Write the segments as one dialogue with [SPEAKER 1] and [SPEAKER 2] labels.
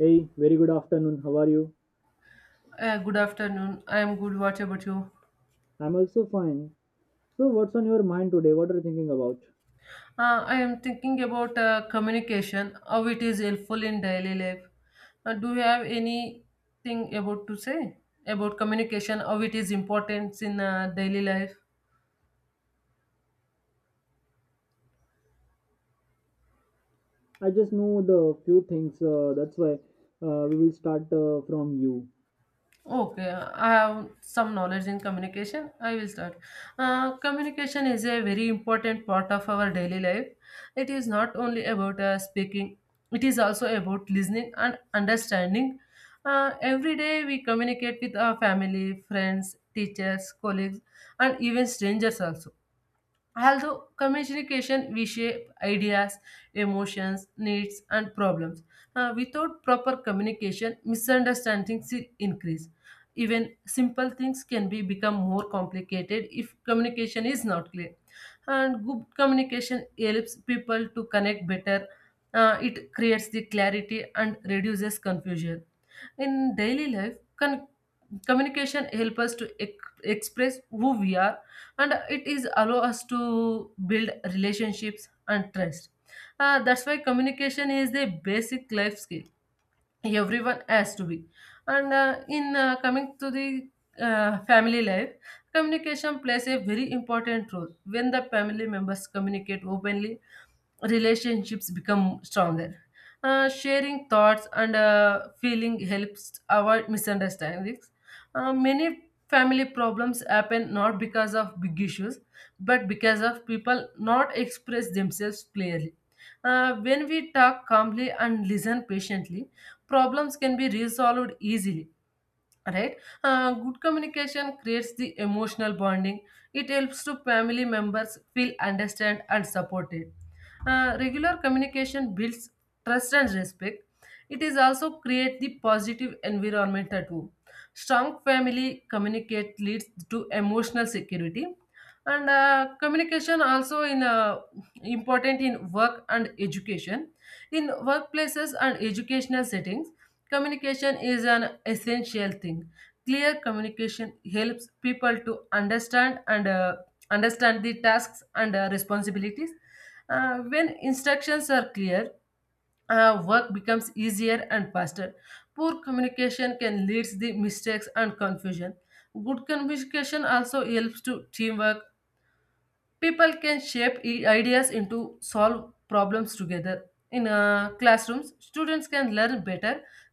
[SPEAKER 1] Hey, very good afternoon. How are you?
[SPEAKER 2] Good afternoon. I am good. What about you?
[SPEAKER 1] I'm also fine. So, what's on your mind today? What are you thinking about?
[SPEAKER 2] I am thinking about communication, how it is helpful in daily life. Do you have anything about to say about communication, how it is important in daily life?
[SPEAKER 1] I just know the few things, that's why we will start from you.
[SPEAKER 2] Okay, I have some knowledge in communication. I will start. Communication is a very important part of our daily life. It is not only about speaking, it is also about listening and understanding. Every day we communicate with our family, friends, teachers, colleagues, and even strangers also. Although communication reshape ideas, emotions, needs, and problems, without proper communication, misunderstandings will increase. Even simple things can be become more complicated if communication is not clear. And good communication helps people to connect better. It creates the clarity and reduces confusion. In daily life, con- communication helps us to express who we are, and it is allow us to build relationships and trust. That's why communication is the basic life skill everyone has to be. And in coming to the family life, communication plays a very important role. When the family members communicate openly, relationships become stronger. Sharing thoughts and feeling helps avoid misunderstandings. Many family problems happen not because of big issues, but because of people not express themselves clearly. When we talk calmly and listen patiently, problems can be resolved easily, right? Good communication creates the emotional bonding. It helps to family members feel understood and supported. Regular communication builds trust and respect. It is also create the positive environment at home. Strong family communicate leads to emotional security. And communication also in important in work and education. In workplaces and educational settings, communication is an essential thing. Clear communication helps people to understand and understand the tasks and responsibilities. When instructions are clear, work becomes easier and faster. Poor communication can lead to mistakes and confusion. Good communication also helps to teamwork. People can shape ideas into solve problems together. In classrooms, students can learn better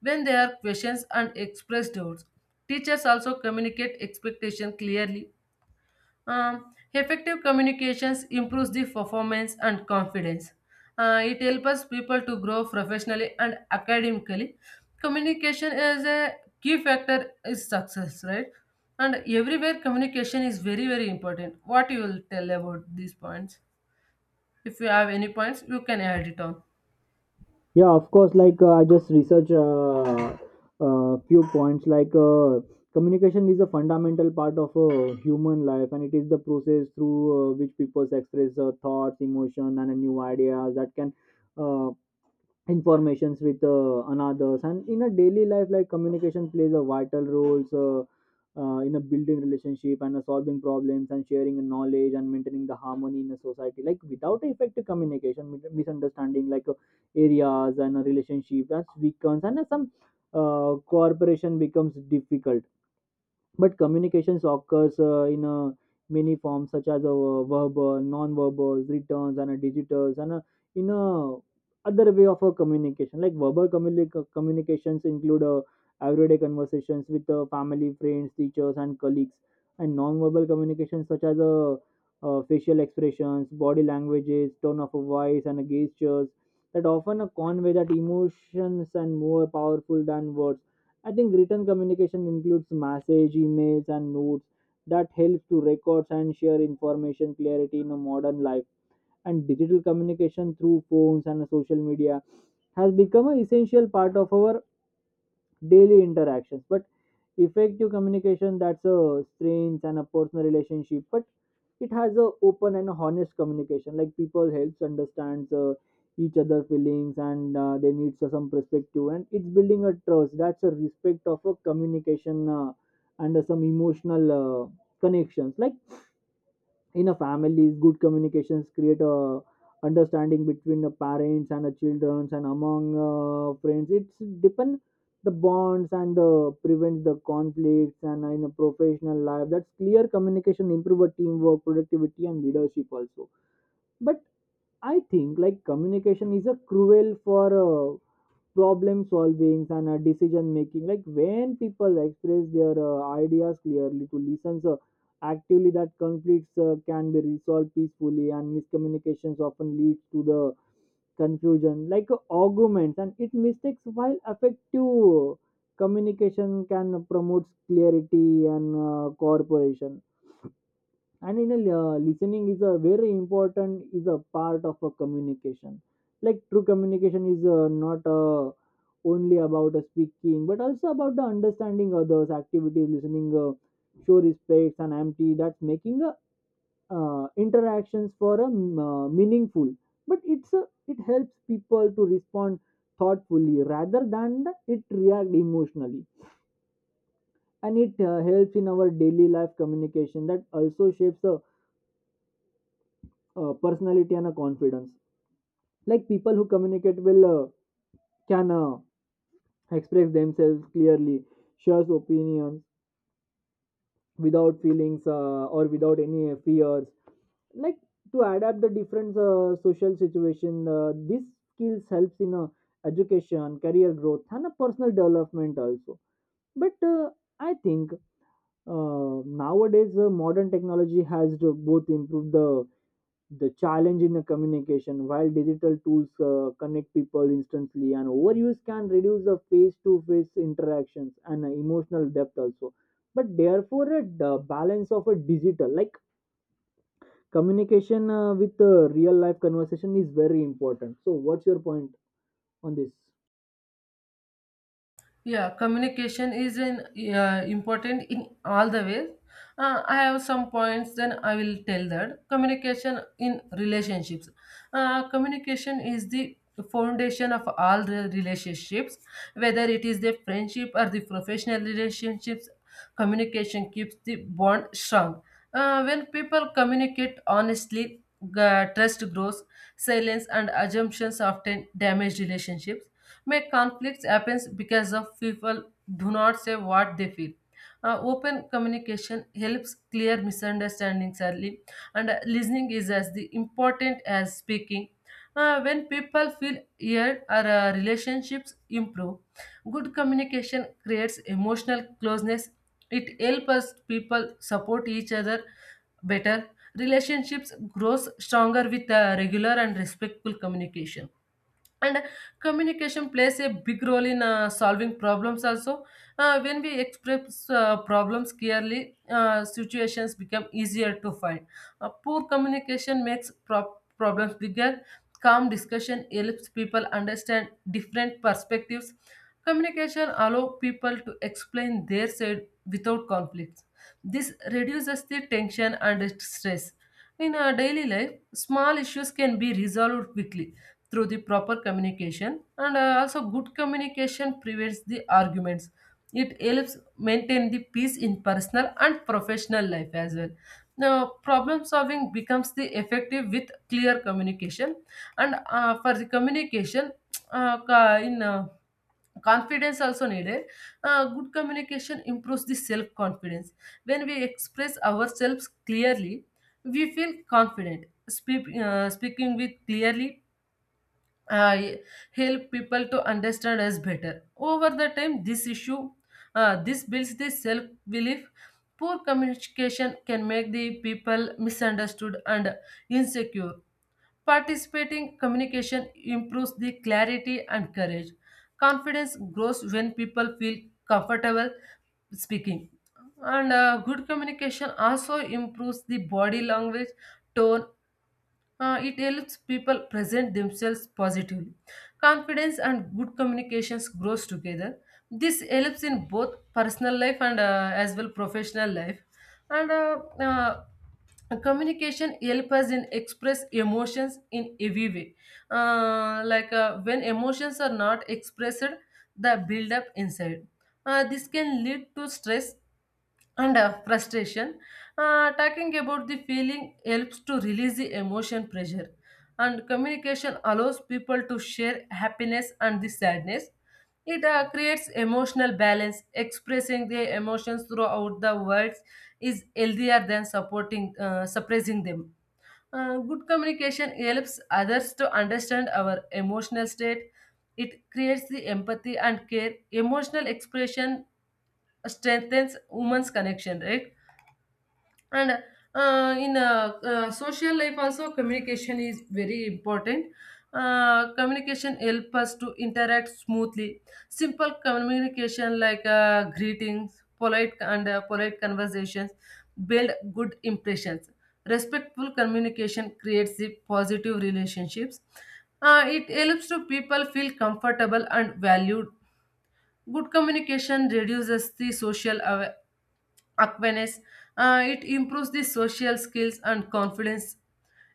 [SPEAKER 2] when there are questions and express doubts. Teachers also communicate expectation clearly. Effective communications improves the performance and confidence. It helps us people to grow professionally and academically. Communication is a key factor is success, right? And everywhere communication is very very important. What you will tell about these points? If you have any points, you can add it on.
[SPEAKER 1] Yeah, of course. I just research few points. Communication is a fundamental part of human life, and it is the process through which people express thoughts, emotion, and new ideas that can uh, informations with another and in a daily life like communication plays a vital role so, in a building relationship and a solving problems and sharing knowledge and maintaining the harmony in a society like without effective communication misunderstanding areas and a relationship that's weakens and some cooperation becomes difficult but communications occurs in many forms such as verbal, non-verbal, returns, and digitals, and in other way of communication. Like communications include everyday conversations with family, friends, teachers, and colleagues, and non-verbal communications such as facial expressions, body languages, tone of voice, and gestures that often convey that emotions and more powerful than words. I think written communication includes message, emails, and notes that help to record and share information clarity in a modern life. And digital communication through phones and social media has become an essential part of our daily interactions, but effective communication that's a strength and a personal relationship, but it has a open and a honest communication like people helps understands each other feelings and they need some perspective and it's building a trust that's a respect of a communication and some emotional connections like in a families good communications create a understanding between the parents and the children and among friends it's deepen the bonds and the prevents the conflicts, and in a professional life that's clear communication improve a teamwork productivity and leadership also. But I think like communication is a cruel for problem solvings and decision making like when people express their ideas clearly to listen so actively that conflicts can be resolved peacefully, and miscommunications often leads to the confusion like arguments and it mistakes while effective communication can promote clarity and cooperation. And in a uh, listening is a very important is a part of a communication like true communication is not only about a speaking but also about the understanding others activities listening show respects and empty that's making interactions for a meaningful, but it's a, it helps people to respond thoughtfully rather than it react emotionally, and it helps in our daily life communication that also shapes the personality and a confidence like people who communicate well can express themselves clearly, shares opinions without feelings or without any fears like to adapt the different social situation. These skills helps in education career growth and a personal development also. But I think uh, nowadays modern technology has both improved the challenge in the communication while digital tools connect people instantly and overuse can reduce the face-to-face interactions and emotional depth also, but therefore a balance of a digital like communication with real life conversation is very important. So what's your point on this?
[SPEAKER 2] Yeah, communication is an important in all the ways. I have some points, then I will tell that communication in relationships. Communication is the foundation of all the relationships, whether it is the friendship or the professional relationships. Communication keeps the bond strong. When people communicate honestly, trust grows. Silence and assumptions often damage relationships. May conflicts happens because of people do not say what they feel. Open communication helps clear misunderstandings early, and listening is as the important as speaking. When people feel heard, our relationships improve. Good communication creates emotional closeness. It helps us people support each other better. Relationships grows stronger with regular and respectful communication, and communication plays a big role in solving problems also. When we express problems clearly, situations become easier to find. Poor communication makes problems bigger. Calm discussion helps people understand different perspectives. Communication allows people to explain their side without conflicts. This reduces the tension and stress in our daily life. Small issues can be resolved quickly through the proper communication, and also good communication prevents the arguments. It helps maintain the peace in personal and professional life as well. Now, problem solving becomes the effective with clear communication. And for the communication, in confidence also needed. Good communication improves the self confidence. When we express ourselves clearly, we feel confident. Speaking with clearly uh, help people to understand us better. Over the time, this builds the self belief. Poor communication can make the people misunderstood and insecure. Participating communication improves the clarity and courage. Confidence grows when people feel comfortable speaking. And good communication also improves the body language, tone. It helps people present themselves positively. Confidence and good communications grows together. This helps in both personal life and as well professional life. And communication help us in express emotions in every way. Like when emotions are not expressed, the build up inside. This can lead to stress and frustration. Talking about the feeling helps to release the emotion pressure, and communication allows people to share happiness and the sadness. It creates emotional balance. Expressing their emotions throughout the words is healthier than supporting suppressing them. Good communication helps others to understand our emotional state. It creates the empathy and care. Emotional expression strengthens women's connection, right? And in social life also, communication is very important. Communication help us to interact smoothly. Simple communication like greetings, polite conversations build good impressions. Respectful communication creates the positive relationships. It helps to people feel comfortable and valued. Good communication reduces the social awareness. It improves the social skills and confidence.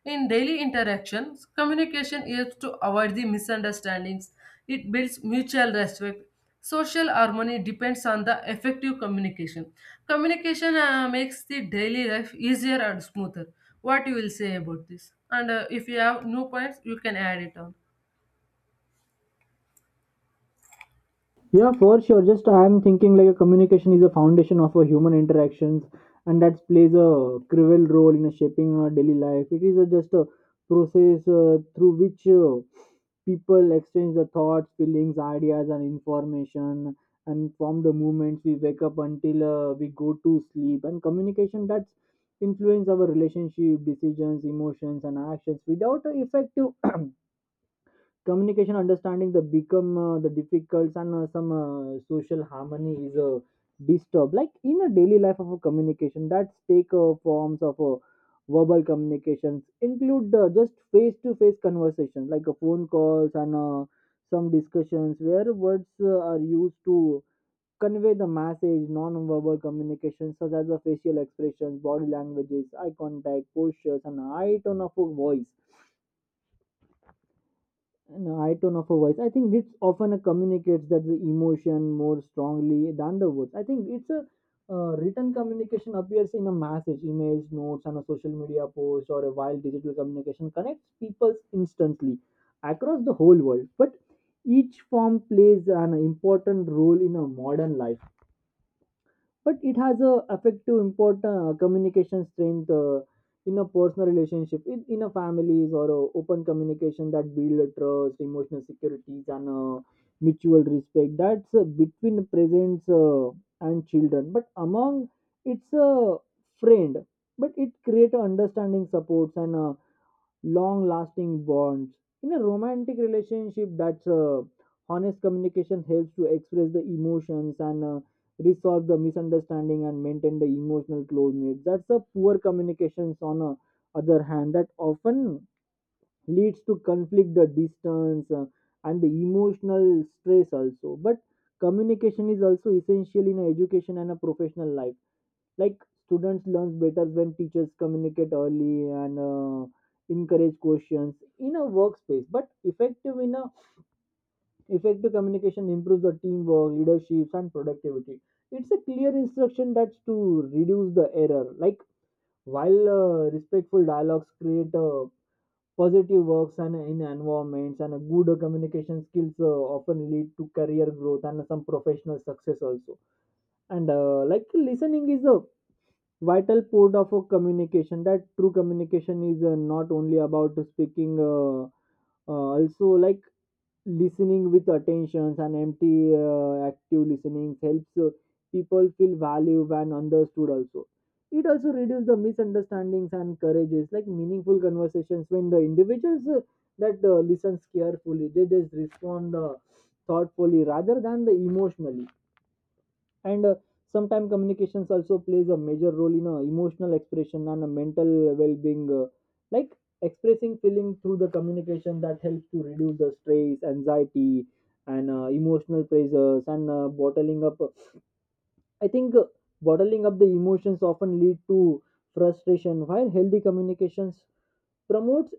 [SPEAKER 2] In daily interactions, communication helps to avoid the misunderstandings. It builds mutual respect. Social harmony depends on the effective communication. Communication makes the daily life easier and smoother. What you will say about this? And if you have new points, you can add it on.
[SPEAKER 1] Yeah, for sure. Just I'm thinking like a communication is a foundation of a human interactions, and that plays a crucial role in shaping our daily life. Just a process through which people exchange the thoughts, feelings, ideas, and information, and from the moments we wake up until we go to sleep. And communication that's influence our relationship, decisions, emotions, and actions. Without a effective communication understanding the become the difficults and some social harmony is disturbed like in a daily life of a communication that's take forms of verbal communications include just face to face conversations like phone calls and some discussions where words are used to convey the message. Non-verbal communication such as the facial expressions body languages eye contact postures and high tone of a voice and a high tone of a voice. I think this often communicates that the emotion more strongly than the words. I think it's a Written communication appears in a message, image, notes, and a social media post, or a while digital communication connects people instantly across the whole world. But each form plays an important role in a modern life, but it has a effect to import communication strength in a personal relationship in a families or a open communication that build a trust emotional securities and mutual respect that's between parents and children but among it's a friend, but it create a understanding supports and long lasting bonds. In a romantic relationship that's honest communication helps to express the emotions and resolve the misunderstanding and maintain the emotional closeness. That's the poor communications on other hand that often leads to conflict the distance and the emotional stress also. But communication is also essential in a education and a professional life like students learns better when teachers communicate early and encourage questions in a workspace, but effective in a effective communication improves the teamwork leaderships and productivity. It's a clear instruction that's to reduce the error like while respectful dialogues create positive works and in environments, and a good communication skills often lead to career growth and some professional success also. And like listening is a vital port of a communication that true communication is not only about speaking, also like listening with attentions and empty. Active listening helps people feel valued and understood also. It also reduces the misunderstandings and encourages like meaningful conversations when the individuals that listens carefully, they just respond thoughtfully rather than the emotionally. And sometimes communications also plays a major role in emotional expression and a mental well-being, like expressing feeling through the communication that helps to reduce the stress anxiety and emotional pressures, and bottling up I think bottling up the emotions often lead to frustration while healthy communications promotes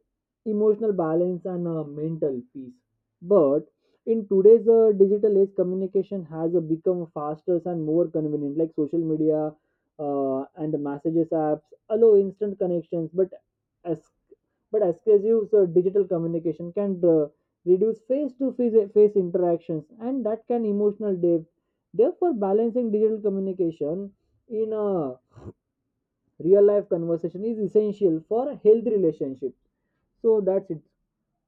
[SPEAKER 1] emotional balance and mental peace. But in today's digital age, communication has become faster and more convenient, like social media and messages apps allow instant connections. As but exclusive digital communication can reduce face interactions, and that can emotional depth. Therefore, balancing digital communication in a real life conversation is essential for healthy relationship. So that's it.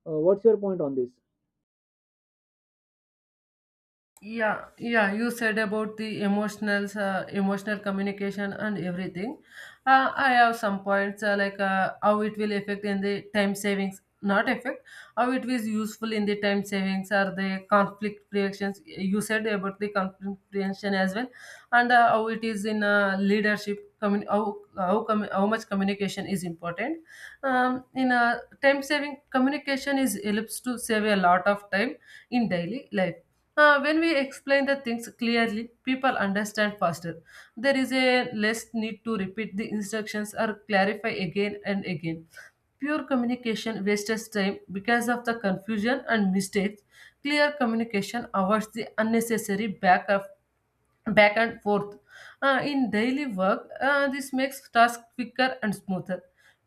[SPEAKER 1] What's your point on this?
[SPEAKER 2] Yeah, yeah, you said about the emotional communication and everything. I have some points, like how it will affect in the time savings, not affect, how it is useful in the time savings or the conflict reactions. You said about the conflict prevention as well. And how it is in leadership, how much communication is important. In time saving, communication is helps to save a lot of time in daily life. When we explain the things clearly, people understand faster. There is a less need to repeat the instructions or clarify again and again. Pure communication wastes time because of the confusion and mistakes. Clear communication avoids the unnecessary back and forth. In daily work, this makes tasks quicker and smoother.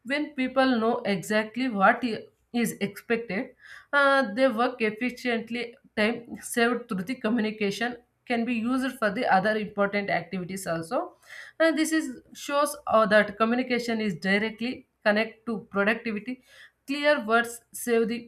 [SPEAKER 2] When people know exactly what is expected, they work efficiently. Time saved through the communication can be used for the other important activities also. And this is shows that communication is directly connect to productivity. Clear words save the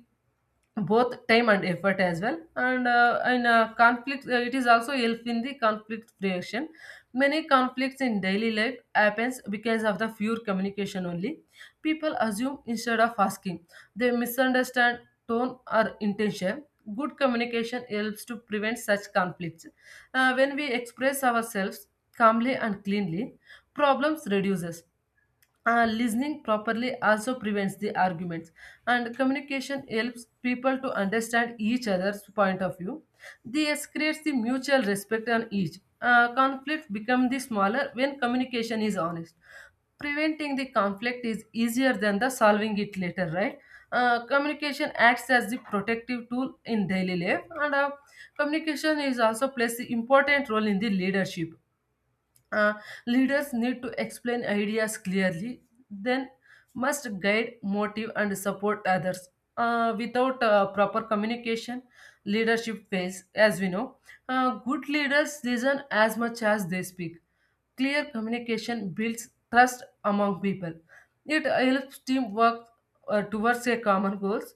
[SPEAKER 2] both time and effort as well. And in conflict, it is also help in the conflict creation. Many conflicts in daily life happens because of the fewer communication only. People assume instead of asking. They misunderstand tone or intention. Good communication helps to prevent such conflicts. When we express ourselves calmly and cleanly, problems reduces. Listening properly also prevents the arguments, and communication helps people to understand each other's point of view. This creates the mutual respect on each conflict become the smaller when communication is honest. Preventing the conflict is easier than the solving it later, right? Communication acts as the protective tool in daily life. And communication is also plays the important role in the leadership. uh, Leaders need to explain ideas clearly, then must guide, motive, and support others. Without proper communication, leadership fails, as we know. Good leaders listen as much as they speak. Clear communication builds trust among people. It helps team work towards a common goals.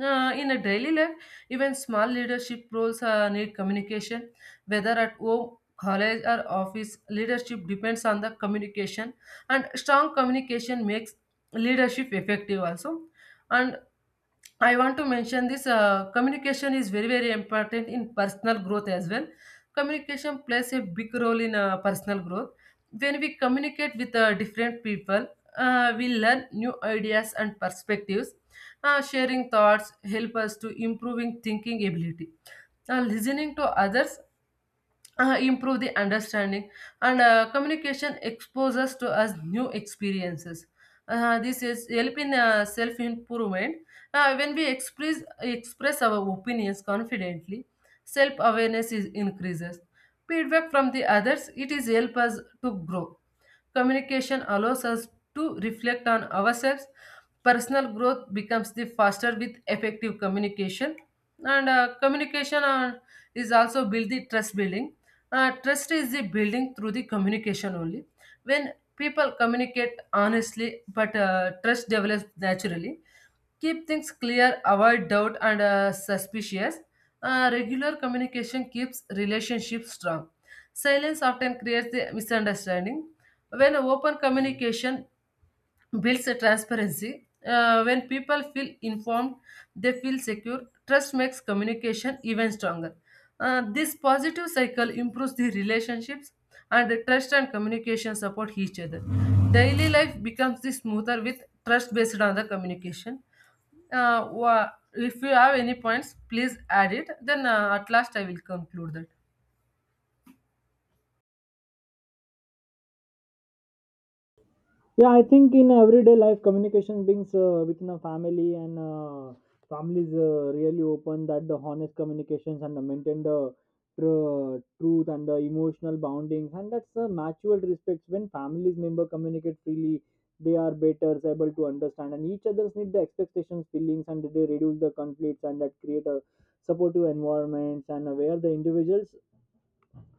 [SPEAKER 2] In a daily life, even small leadership roles need communication, whether at home, college, or office. Leadership depends on the communication, and strong communication makes leadership effective also. And I want to mention this. Communication is very, very important in personal growth as well. Communication plays a big role in personal growth. When we communicate with different people, we learn new ideas and perspectives. Sharing thoughts help us to improving thinking ability. Listening to others improve the understanding, and communication exposes to us new experiences. This is help in self improvement. When we express our opinions confidently, self awareness is increases. Feedback from the others, it is help us to grow. Communication allows us to reflect on ourselves. Personal growth becomes the faster with effective communication. And communication is also build the trust building. Trust is the building through the communication only. When people communicate honestly, but trust develops naturally. Keep things clear, avoid doubt and suspicious. Regular communication keeps relationships strong. Silence often creates the misunderstanding. When open communication builds a transparency. When people feel informed, they feel secure. Trust makes communication even stronger. This positive cycle improves the relationships, and the trust and communication support each other. Daily life becomes the smoother with trust based on the communication. If you have any points, please add it. Then at last I will conclude that.
[SPEAKER 1] Yeah, I think in everyday life, communication brings within a family, and families really open that the honest communications and the maintain the truth and the emotional boundings and that's the mutual respect. When families member communicate freely, they are better able to understand and each other's need the expectations feelings, and they reduce the conflicts and that create a supportive environments and where the individuals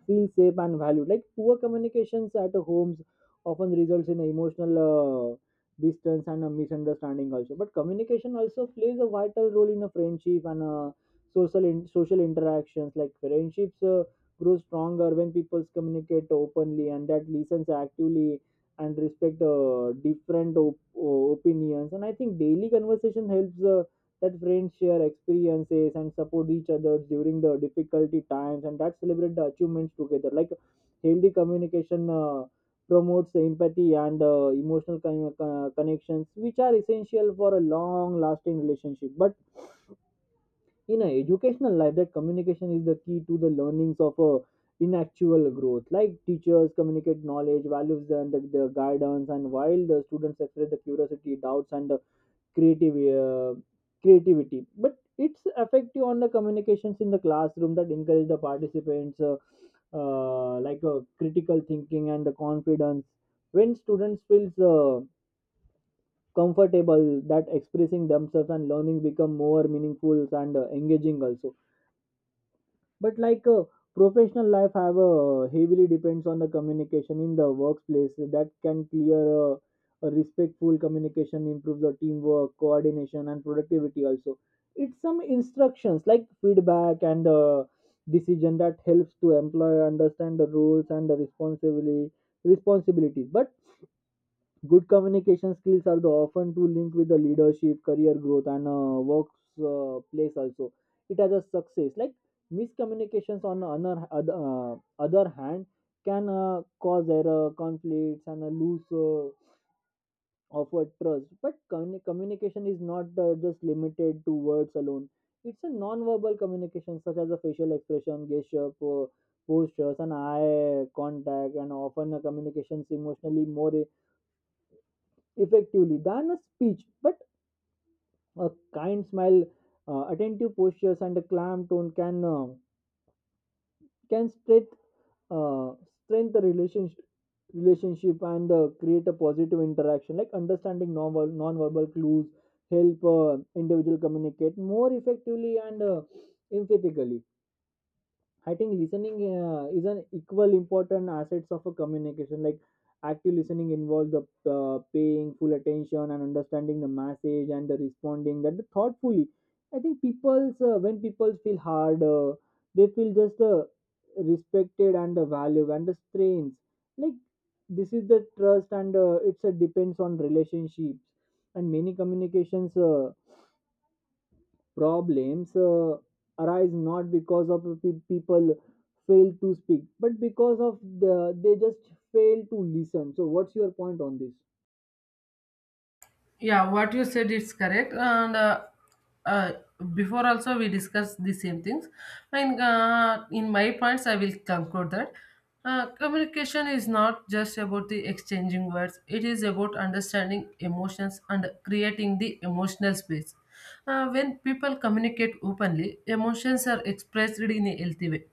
[SPEAKER 1] feel safe and valued. Like poor communications at homes often results in emotional distance and a misunderstanding also. But communication also plays a vital role in a friendship and social social interactions. Like friendships grow stronger when people communicate openly and that listens actively and respect different opinions. And I think daily conversation helps. That friends share experiences and support each other during the difficulty times and that celebrate the achievements together like healthy communication promotes empathy and emotional connections which are essential for a long lasting relationship. But in an educational life that communication is the key to the learnings of a in actual growth like teachers communicate knowledge values and the guidance, and while the students express the curiosity doubts and creative uh, creativity. But it's effective on the communications in the classroom that encourage the participants critical thinking and the confidence when students feels comfortable that expressing themselves, and learning become more meaningful and engaging also. But professional life have heavily depends on the communication in the workplace that can clear a respectful communication improves the teamwork coordination and productivity also. It's some instructions like feedback and decision that helps to employer understand the rules and the responsibility responsibilities. But good communication skills are the often to link with the leadership, career growth, and works place also. It has a success. Like miscommunications on another other, other hand can cause error, conflicts, and a loose of a trust. But communication is not just limited to words alone. It's a non-verbal communication such as a facial expression, gesture, postures, and eye contact, and often a communications emotionally more effectively than a speech, but a kind smile, attentive postures, and a calm tone can uh, can strength uh, strengthen the relationship and create a positive interaction like understanding novel non-verbal clues help individual communicate more effectively and empathically. I think listening is an equal important assets of a communication. Like active listening involves the paying full attention and understanding the message and the responding that thoughtfully. I think people's when people feel hard, they feel just respected and the value and the strength. Like this is the trust and it's a depends on relationships and many communications. Problems arise not because of people fail to speak but because of the, they just fail to listen. So what's your point on this?
[SPEAKER 2] Yeah, what you said is correct and uh, before also we discussed the same things and in my points I will conclude that. Communication is not just about the exchanging words, it is about understanding emotions and creating the emotional space. When people communicate openly, emotions are expressed in a healthy way.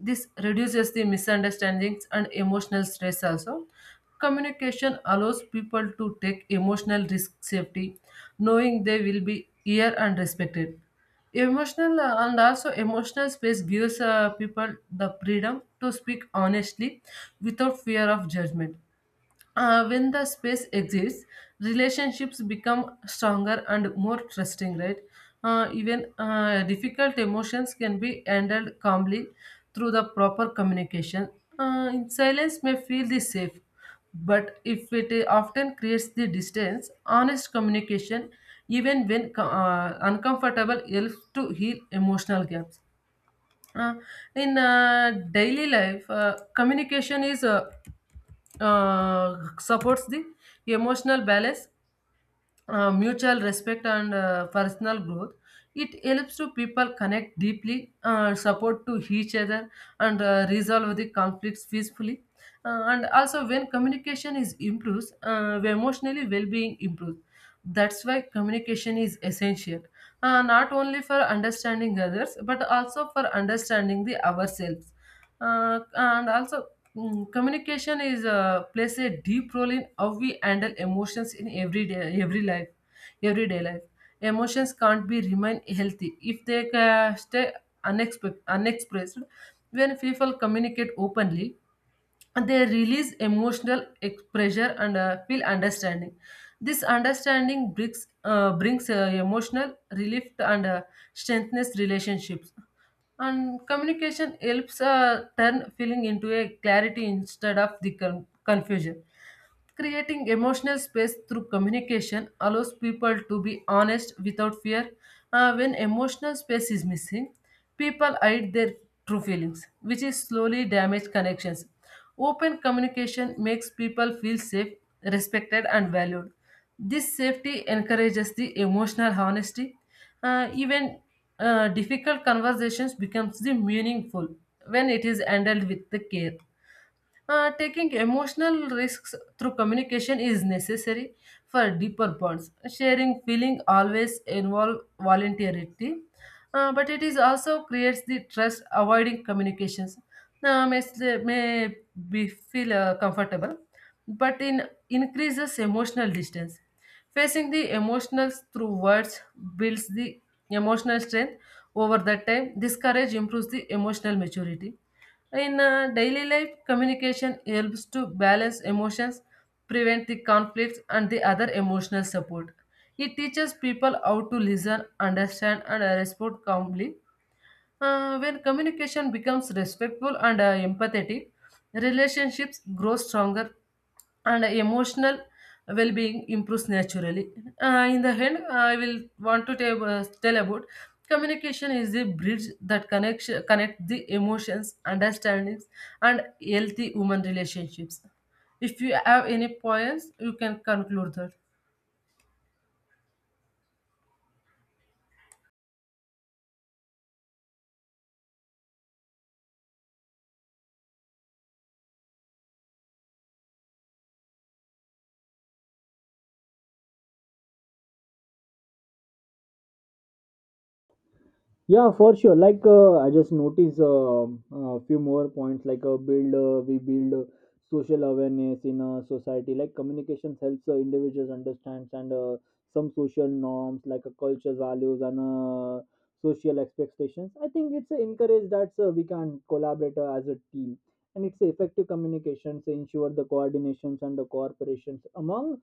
[SPEAKER 2] This reduces the misunderstandings and emotional stress also. Communication allows people to take emotional risk safety, knowing they will be heard and respected. Emotional and also emotional space gives people the freedom to speak honestly without fear of judgment. When the space exists, relationships become stronger and more trusting, right? Even difficult emotions can be handled calmly through the proper communication. In silence may feel the safe, but if it often creates the distance, honest communication, even when uncomfortable, helps to heal emotional gaps. Uh, in daily life, communication is supports the emotional balance, mutual respect, and personal growth. It helps to people connect deeply, support to each other, and resolve the conflicts peacefully. And also, when communication is improves, emotionally well-being improves. That's why communication is essential, not only for understanding others, but also for understanding the ourselves. Uh, and also Communication is plays a deep role in how we handle emotions in everyday life. Emotions can't be remain healthy if they stay unexpressed. When people communicate openly, they release emotional pressure and feel understanding. This understanding brings emotional relief and strengthens relationships. And communication helps turn feeling into a clarity instead of the confusion. Creating emotional space through communication allows people to be honest without fear. When emotional space is missing, people hide their true feelings, which is slowly damage connections. Open communication makes people feel safe, respected, and valued. This safety encourages the emotional honesty. Even difficult conversations becomes the meaningful when it is handled with the care. Taking emotional risks through communication is necessary for deeper bonds. Sharing feeling always involve voluntarity, but it is also creates the trust. Avoiding communications may, may be feel comfortable, but in increases emotional distance. Facing the emotionals through words builds the emotional strength over the time. This courage improves the emotional maturity. In daily life, communication helps to balance emotions, prevent the conflicts, and the other emotional support. It teaches people how to listen, understand, and respond calmly. When communication becomes respectful and empathetic, relationships grow stronger and emotional well being improves naturally. In the end, I will want to tell, tell about communication is the bridge that connects connect the emotions, understandings, and healthy human relationships. If you have any points, you can conclude that.
[SPEAKER 1] Yeah, for sure. Like I just noticed a few more points. Like we build social awareness in a society. Like communications helps individuals understand and some social norms, like culture values and social expectations. I think it's encouraged that we can collaborate as a team, and it's effective communications ensure the coordinations and the cooperations among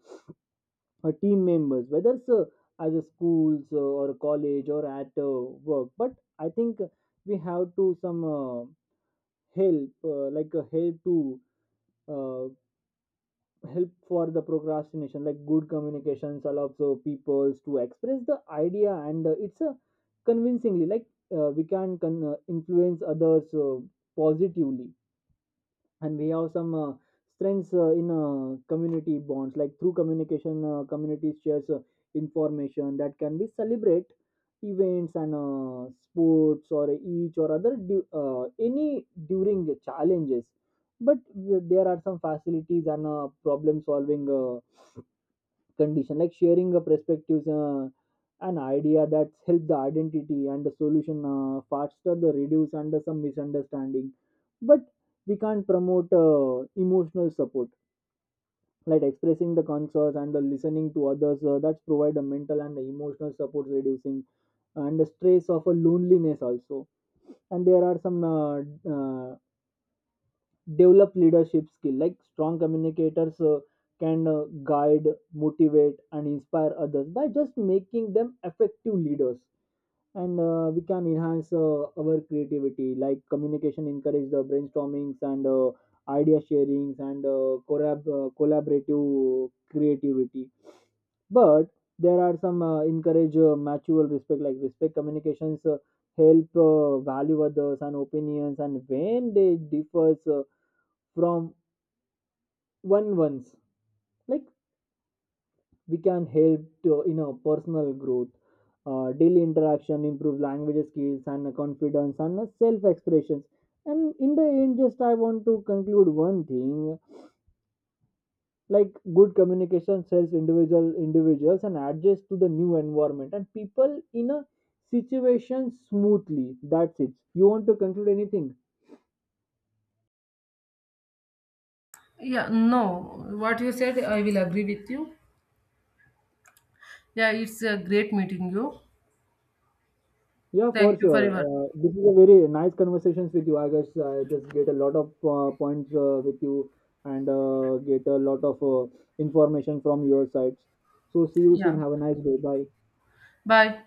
[SPEAKER 1] team members, whether it's as a schools or college or at work. But I think we have to some help, uh, like uh, help to uh, help for the procrastination. Like good communications allows people to express the idea, and it's convincingly. Like we can influence others positively, and we have some strengths in community bonds. Like through communication communities shares information that can be celebrate events and sports or each or other any during the challenges. But there are some facilities and problem solving condition, like sharing a perspectives an idea that's help the identity and the solution faster the reduce under some misunderstanding. But we can't promote emotional support, like expressing the concerns and the listening to others that's provide a mental and the emotional support reducing and the stress of a loneliness also. And there are some uh, develop leadership skill, like strong communicators can guide, motivate and inspire others by just making them effective leaders. And we can enhance our creativity, like communication encourage the brainstormings and idea sharings and collaborative creativity. But there are some encourage mutual respect, like respect communications help value others and opinions and when they differs from one ones. Like we can help to you know personal growth. Daily interaction improve language skills and confidence and self expressions. And in the end just I want to conclude one thing, like good communication helps individuals and adjust to the new environment and people in a situation smoothly. That's it. You want to conclude anything?
[SPEAKER 2] Yeah, no, what you said, I will agree with you. Yeah, it's a great meeting you.
[SPEAKER 1] Yeah, for
[SPEAKER 2] Thank you for
[SPEAKER 1] sure.
[SPEAKER 2] your.
[SPEAKER 1] This is a very nice conversations with you. I guess I just get a lot of points with you and get a lot of information from your sides. So see you
[SPEAKER 2] Yeah.
[SPEAKER 1] soon. Have a nice day. Bye.
[SPEAKER 2] Bye.